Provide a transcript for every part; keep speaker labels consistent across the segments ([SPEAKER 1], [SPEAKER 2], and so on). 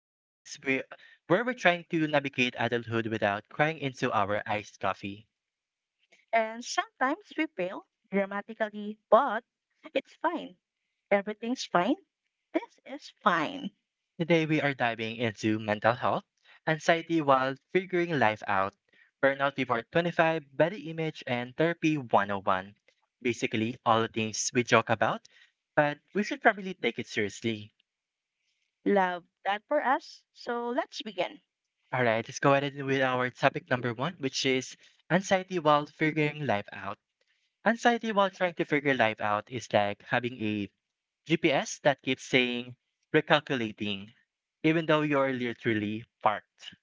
[SPEAKER 1] the podcast where we're trying to navigate adulthood without crying into our iced coffee.
[SPEAKER 2] And sometimes we fail dramatically, but it's fine. Everything's fine. This is fine.
[SPEAKER 1] Today, we are diving into mental health, anxiety while figuring life out, burnout before 25, body image, and therapy 101. Basically, all the things we joke about, but we should probably take it seriously.
[SPEAKER 2] Love that for us. So let's begin.
[SPEAKER 1] All right, let's go ahead with our topic number one, which is anxiety while figuring life out. Anxiety while trying to figure life out is like having a GPS that keeps saying recalculating, even though you're literally parked.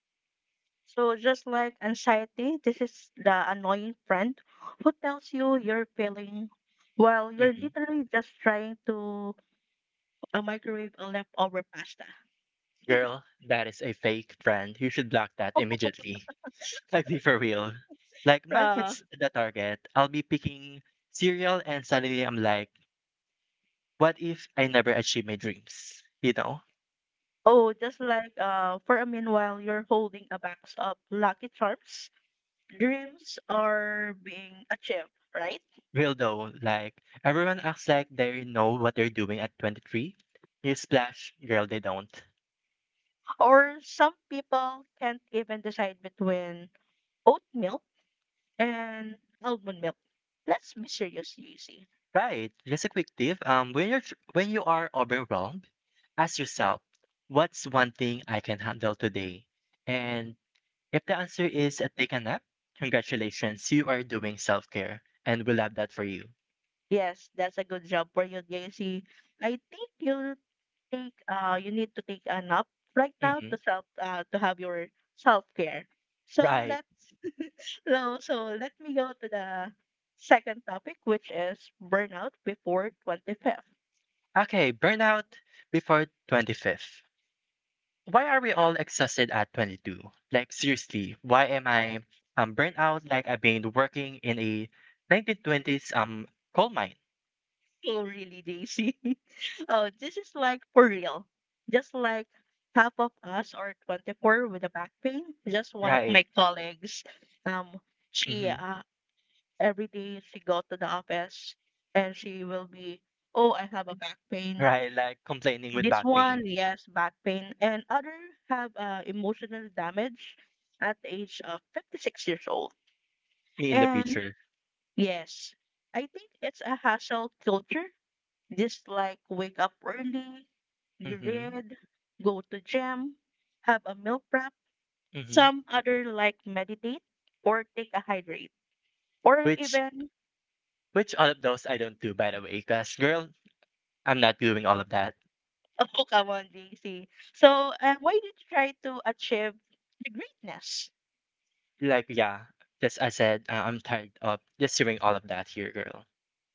[SPEAKER 2] So, just like anxiety, this is the annoying friend who tells you you're failing while you're
[SPEAKER 1] Mhm.
[SPEAKER 2] literally just trying to microwave a leftover pasta.
[SPEAKER 1] Girl, that is a fake friend. You should block that immediately. Like, be for real. Like, mine
[SPEAKER 2] Uh,
[SPEAKER 1] hits the target. I'll be picking cereal, and suddenly I'm like, what if I never achieve my dreams? You know?
[SPEAKER 2] oh, just like for a meanwhile, you're holding a box of Lucky Charms. Dreams are being achieved, right?
[SPEAKER 1] Real though, like, everyone acts like they know what they're doing at 23. You splash, girl, they don't.
[SPEAKER 2] Or some people can't even decide between oat milk and almond milk. Let's be serious, JC.
[SPEAKER 1] Right. Just a quick tip. When you're when you are overwhelmed, ask yourself, what's one thing I can handle today? And if the answer is a take a nap, congratulations, you are doing self care, and we love that for you.
[SPEAKER 2] Yes, that's a good job for you, JC. I think you take you need to take a nap right now
[SPEAKER 1] Hmm.
[SPEAKER 2] to self to have your self care. So
[SPEAKER 1] Right.
[SPEAKER 2] let's so let me go to the second topic, which is burnout before 25th.
[SPEAKER 1] Okay. Burnout before 25th. Why are we all exhausted at 22? Like seriously, why am I burnt out? Like I've been working in a 1920s coal mine.
[SPEAKER 2] Oh, really, JC? Oh, this is like for real. Just like half of us are 24 with a back pain. Just one of my
[SPEAKER 1] Right.
[SPEAKER 2] colleagues, um, she
[SPEAKER 1] Hmm.
[SPEAKER 2] every day she go to the office and she will be, oh, I have a back pain.
[SPEAKER 1] Right, like complaining with
[SPEAKER 2] This
[SPEAKER 1] back
[SPEAKER 2] one,
[SPEAKER 1] pain,
[SPEAKER 2] yes, back pain, and other have emotional damage at the age of 56 years old.
[SPEAKER 1] me in the
[SPEAKER 2] And
[SPEAKER 1] future.
[SPEAKER 2] yes, I think it's a hassle culture. Just like wake up early you
[SPEAKER 1] Mhm,
[SPEAKER 2] read, go to gym, have a meal prep.
[SPEAKER 1] mhm.
[SPEAKER 2] Some other like meditate or take a hydrate or
[SPEAKER 1] Which
[SPEAKER 2] even
[SPEAKER 1] which all of those I don't do by the way, cause girl, I'm not doing all of that.
[SPEAKER 2] oh, come on, JC. So why did you try to achieve the greatness?
[SPEAKER 1] Like yeah, just I said, I'm tired of just hearing all of that here, girl.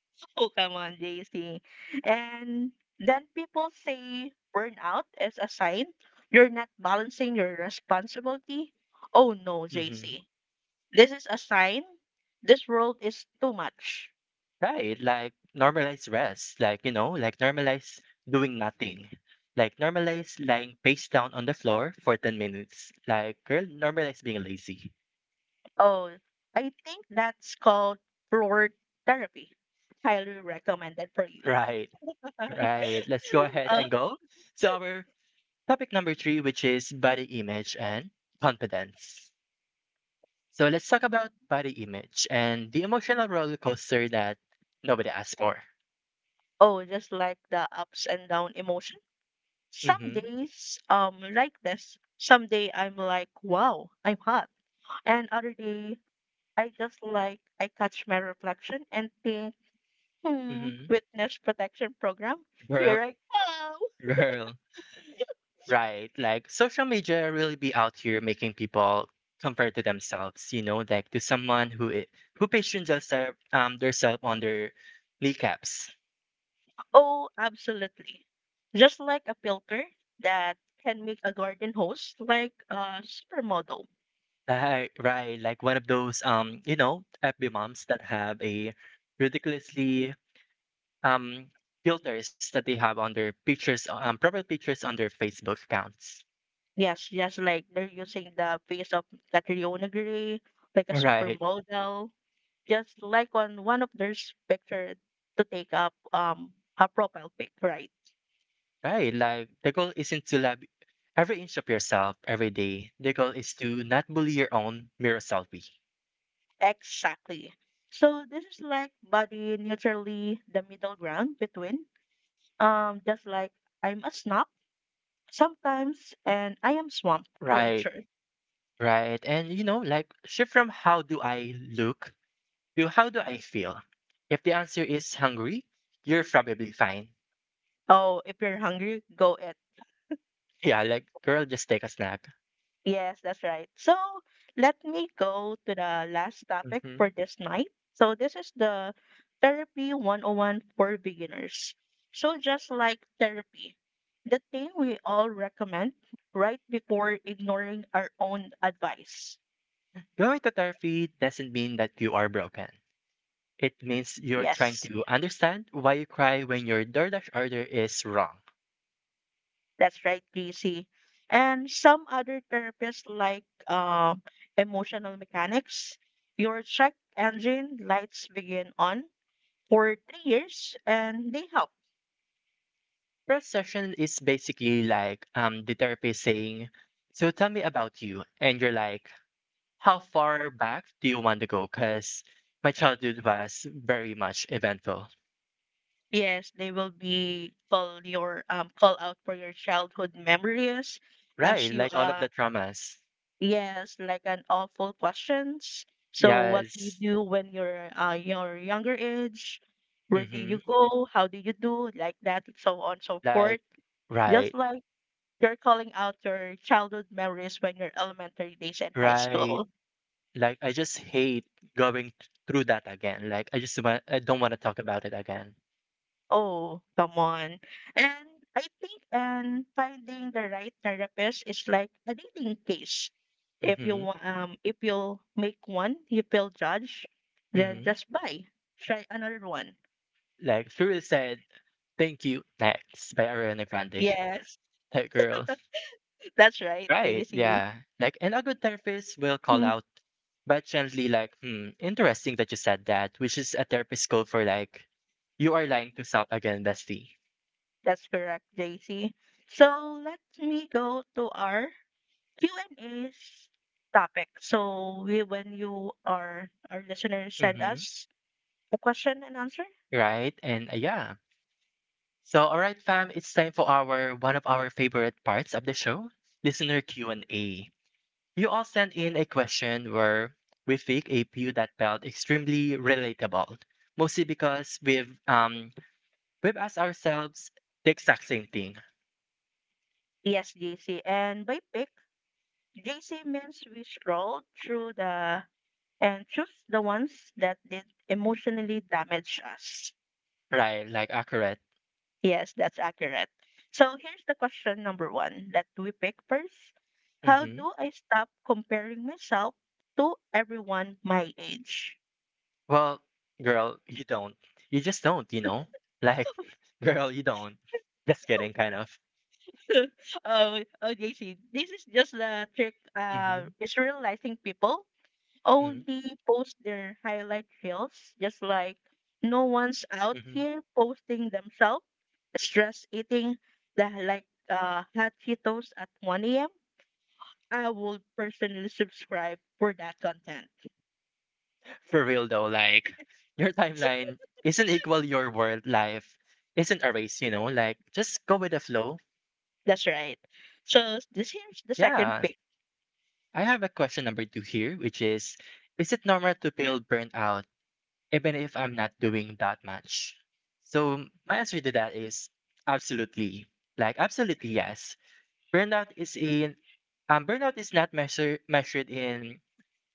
[SPEAKER 2] Oh, come on, JC. And then people say burnout is a sign you're not balancing your responsibility. Oh, no,
[SPEAKER 1] Mhm.
[SPEAKER 2] JC. This is a sign this world is too much.
[SPEAKER 1] Right, like normalize rest, like like normalize doing nothing. Like normalize lying face down on the floor for 10 minutes. Like girl, normalize being lazy.
[SPEAKER 2] Oh, I think that's called floor therapy. Highly recommended for you.
[SPEAKER 1] Right, right. Let's go ahead
[SPEAKER 2] Uh,
[SPEAKER 1] and go to our topic number three, which is body image and confidence. So let's talk about body image and the emotional roller coaster that nobody asked for.
[SPEAKER 2] oh, just like the ups and down emotion. Some
[SPEAKER 1] Mm-hmm.
[SPEAKER 2] days like this. Some day I'm like, wow, I'm hot. And other day I just like I catch my reflection and think, hmm,
[SPEAKER 1] Mm-hmm.
[SPEAKER 2] witness protection program.
[SPEAKER 1] Girl,
[SPEAKER 2] Here I come.
[SPEAKER 1] girl. Right. Like social media really be out here making people compare to themselves, you know, like to someone who who patrons their self on their kneecaps.
[SPEAKER 2] Oh, absolutely. Just like a filter that can make a garden hose like a supermodel.
[SPEAKER 1] Right, right. Like one of those FB moms that have a ridiculously um, filters that they have on their pictures, proper pictures on their Facebook accounts.
[SPEAKER 2] Yes, just like they're using the face of Catriona Gray, like a
[SPEAKER 1] Right,
[SPEAKER 2] supermodel, just like on one of their picture to take up a profile pic, right?
[SPEAKER 1] right. Like the goal isn't to love every inch of yourself every day. The goal is to not bully your own mirror selfie.
[SPEAKER 2] Exactly. So this is like body neutrally the middle ground between just like I'm a snob sometimes and I am swamp
[SPEAKER 1] Right,
[SPEAKER 2] creature.
[SPEAKER 1] right. And like shift from how do I look to how do I feel. If the answer is hungry, you're probably fine.
[SPEAKER 2] Oh, if you're hungry, go eat.
[SPEAKER 1] Yeah, like girl, just take a snack.
[SPEAKER 2] Yes, that's right. So let me go to the last topic
[SPEAKER 1] Hmm.
[SPEAKER 2] for this night. So this is the therapy 101 for beginners. So just like therapy, the thing we all recommend right before ignoring our own advice.
[SPEAKER 1] Going to therapy doesn't mean that you are broken. It means you're trying
[SPEAKER 2] Yes,
[SPEAKER 1] to understand why you cry when your DoorDash order is wrong.
[SPEAKER 2] that's right, GC. And some other therapists like emotional mechanics, your check engine lights begin on, for 3 years and they help.
[SPEAKER 1] First session is basically like the therapist saying, "So tell me about you," and you're like, "How far back do you want to go?" Because my childhood was very much eventful,
[SPEAKER 2] Yes, they will be call your call out for your childhood memories, ask
[SPEAKER 1] right?
[SPEAKER 2] you
[SPEAKER 1] Like all of the traumas.
[SPEAKER 2] yes, like an awful questions. So what do you
[SPEAKER 1] Yes.
[SPEAKER 2] do when you're your younger age? Where do you
[SPEAKER 1] Mm-hmm.
[SPEAKER 2] go? How do you do? Like that, and so on so
[SPEAKER 1] Like
[SPEAKER 2] forth. Just
[SPEAKER 1] right,
[SPEAKER 2] like you're calling out your childhood memories when you're elementary days and high
[SPEAKER 1] right.
[SPEAKER 2] school.
[SPEAKER 1] Like I just hate going through that again. Like I just want. I don't want to talk about it again.
[SPEAKER 2] Oh, come on. And I think and finding the right therapist is like a dating case. If
[SPEAKER 1] Mm-hmm.
[SPEAKER 2] if you make one, you feel judged, then
[SPEAKER 1] Mm-hmm.
[SPEAKER 2] just buy. Try another one.
[SPEAKER 1] Like Fury said, "Thank you, next" by Ariana Grande.
[SPEAKER 2] Yes,
[SPEAKER 1] Like girl,
[SPEAKER 2] that's right,
[SPEAKER 1] right?
[SPEAKER 2] JC.
[SPEAKER 1] Yeah. Like, and a good therapist will call
[SPEAKER 2] Mm.
[SPEAKER 1] out, but gently, like, "Hmm, interesting that you said that," which is a therapist code for like, you are lying to self again, bestie.
[SPEAKER 2] That's correct, JC. So let me go to our Q&A topic. So when you are our listeners send
[SPEAKER 1] Mm-hmm.
[SPEAKER 2] us a question and answer.
[SPEAKER 1] Right? And yeah. So, all right, fam, it's time for our one of our favorite parts of the show, listener Q&A. You all sent in a question where we pick a few that felt extremely relatable, mostly because we've asked ourselves the exact same thing,
[SPEAKER 2] Yes, JC. And by pick, JC means we scroll through the and choose the ones that did emotionally damage us.
[SPEAKER 1] right? Like accurate.
[SPEAKER 2] Yes, that's accurate. So here's the question number one that we pick first. How
[SPEAKER 1] Mm-hmm.
[SPEAKER 2] do I stop comparing myself to everyone my age?
[SPEAKER 1] Well, girl, you don't. You just don't. You know, like, girl, you don't. Just kidding, kind of.
[SPEAKER 2] Oh, oh, JC, this is just the trick. Uh,
[SPEAKER 1] Mm-hmm.
[SPEAKER 2] is realizing people
[SPEAKER 1] Mm-hmm.
[SPEAKER 2] only post their highlight reels, just like no one's out
[SPEAKER 1] Mm-hmm.
[SPEAKER 2] here posting themselves stress eating the like hot Cheetos at 1 a.m. I would personally subscribe for that content.
[SPEAKER 1] For real though, like your
[SPEAKER 2] So-
[SPEAKER 1] timeline isn't equal your world, life isn't a race, like just go with the flow.
[SPEAKER 2] That's right. So this here's the second
[SPEAKER 1] Yeah,
[SPEAKER 2] pick.
[SPEAKER 1] I have a question number two here, which is it normal to feel burnout even if I'm not doing that much? So my answer to that is absolutely, like absolutely yes. burnout is in Burnout is not measured in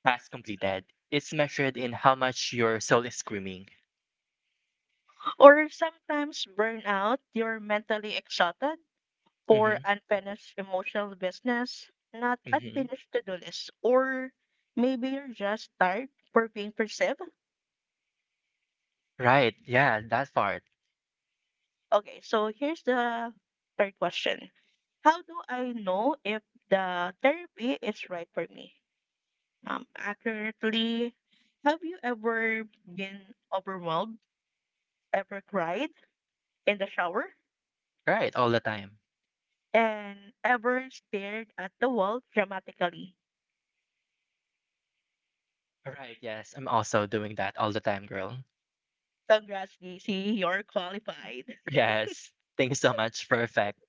[SPEAKER 1] tasks completed, it's measured in how much your soul is screaming.
[SPEAKER 2] Or sometimes burnout, you're mentally exhausted for
[SPEAKER 1] Mm-hmm,
[SPEAKER 2] unfinished emotional business, not
[SPEAKER 1] mm-hmm.
[SPEAKER 2] unfinished to-do lists, or maybe you're just tired for being perceived.
[SPEAKER 1] Right, yeah, that part.
[SPEAKER 2] Okay, so here's the third question. How do I know if the therapy is right for me? Accurately, have you ever been overwhelmed, ever cried in the shower,
[SPEAKER 1] Right, all the time.
[SPEAKER 2] and ever stared at the wall dramatically?
[SPEAKER 1] Right, yes. I'm also doing that all the time, girl.
[SPEAKER 2] Congrats, JC, you're qualified.
[SPEAKER 1] Yes. Thank you so much. Perfect.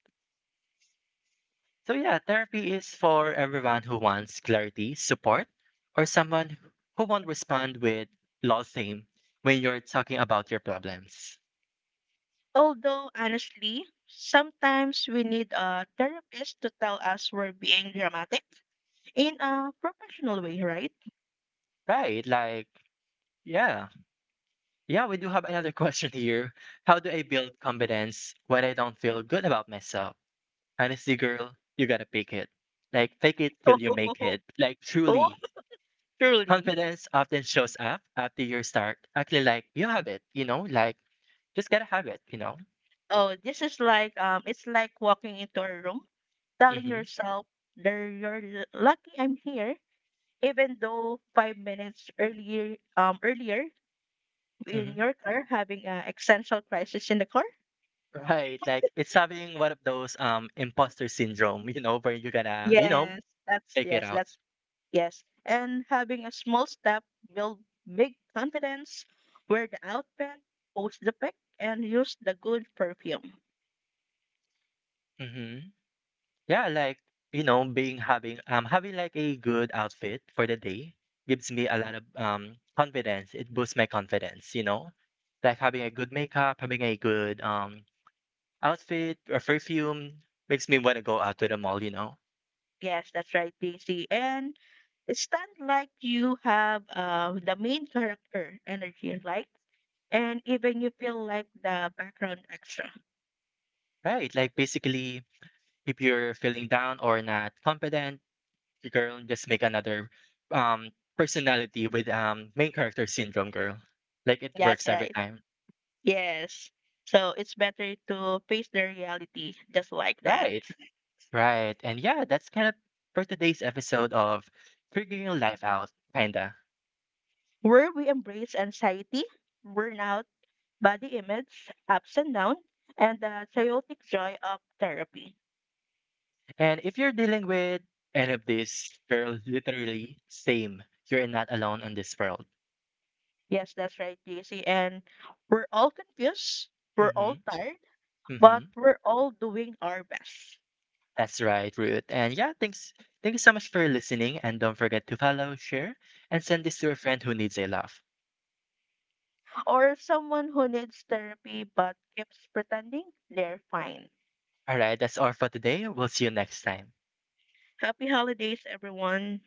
[SPEAKER 1] So yeah, therapy is for everyone who wants clarity, support, or someone who won't respond with lol theme when you're talking about your problems.
[SPEAKER 2] Although, honestly, sometimes we need a therapist to tell us we're being dramatic in a professional way, right?
[SPEAKER 1] Right, like yeah. Yeah, we do have another question here. How do I build confidence when I don't feel good about myself? Honestly, girl, you gotta pick it. Like fake it till you make it. Like
[SPEAKER 2] Oh,
[SPEAKER 1] truly.
[SPEAKER 2] truly.
[SPEAKER 1] Confidence often shows up after you start acting like you have it, like just gotta have it.
[SPEAKER 2] Oh, this is like, it's like walking into a room, telling
[SPEAKER 1] Hmm.
[SPEAKER 2] yourself that you're lucky I'm here, even though 5 minutes earlier, in
[SPEAKER 1] Hmm.
[SPEAKER 2] your car having an existential crisis in the car.
[SPEAKER 1] Right, like it's having one of those imposter syndrome, where you're gonna,
[SPEAKER 2] Yes, that's
[SPEAKER 1] take it
[SPEAKER 2] yes,
[SPEAKER 1] out.
[SPEAKER 2] that's Yes, and having a small step build big confidence. Wear the outfit, post the pic, and use the good perfume.
[SPEAKER 1] Hmm. Yeah, like being having having like a good outfit for the day gives me a lot of confidence. It boosts my confidence, like having a good makeup, having a good outfit or perfume makes me want to go out to the mall.
[SPEAKER 2] Yes, that's right, DC. And stand like you have the main character energy, like, and even you feel like the background extra.
[SPEAKER 1] Right. Like basically, if you're feeling down or not confident, you girl just make another um personality with main character syndrome girl. Like it
[SPEAKER 2] That's
[SPEAKER 1] works every
[SPEAKER 2] right.
[SPEAKER 1] time.
[SPEAKER 2] Yes. So it's better to face the reality just like that.
[SPEAKER 1] Right. Right. And yeah, that's kind of for today's episode of Figuring Your Life Out, kinda.
[SPEAKER 2] Where we embrace anxiety, burnout, body image, ups and down, and the chaotic joy of therapy.
[SPEAKER 1] And if you're dealing with any of this, girl, literally same. You're not alone in this world.
[SPEAKER 2] Yes, that's right, JC. And we're all confused, we're
[SPEAKER 1] Mm-hmm.
[SPEAKER 2] all tired, but
[SPEAKER 1] Mm-hmm.
[SPEAKER 2] we're all doing our best.
[SPEAKER 1] That's right, Ruth. And yeah, thanks. Thank you so much for listening. And don't forget to follow, share, and send this to a friend who needs a laugh.
[SPEAKER 2] Or someone who needs therapy but keeps pretending they're fine.
[SPEAKER 1] All right, that's all for today. We'll see you next time.
[SPEAKER 2] Happy holidays, everyone.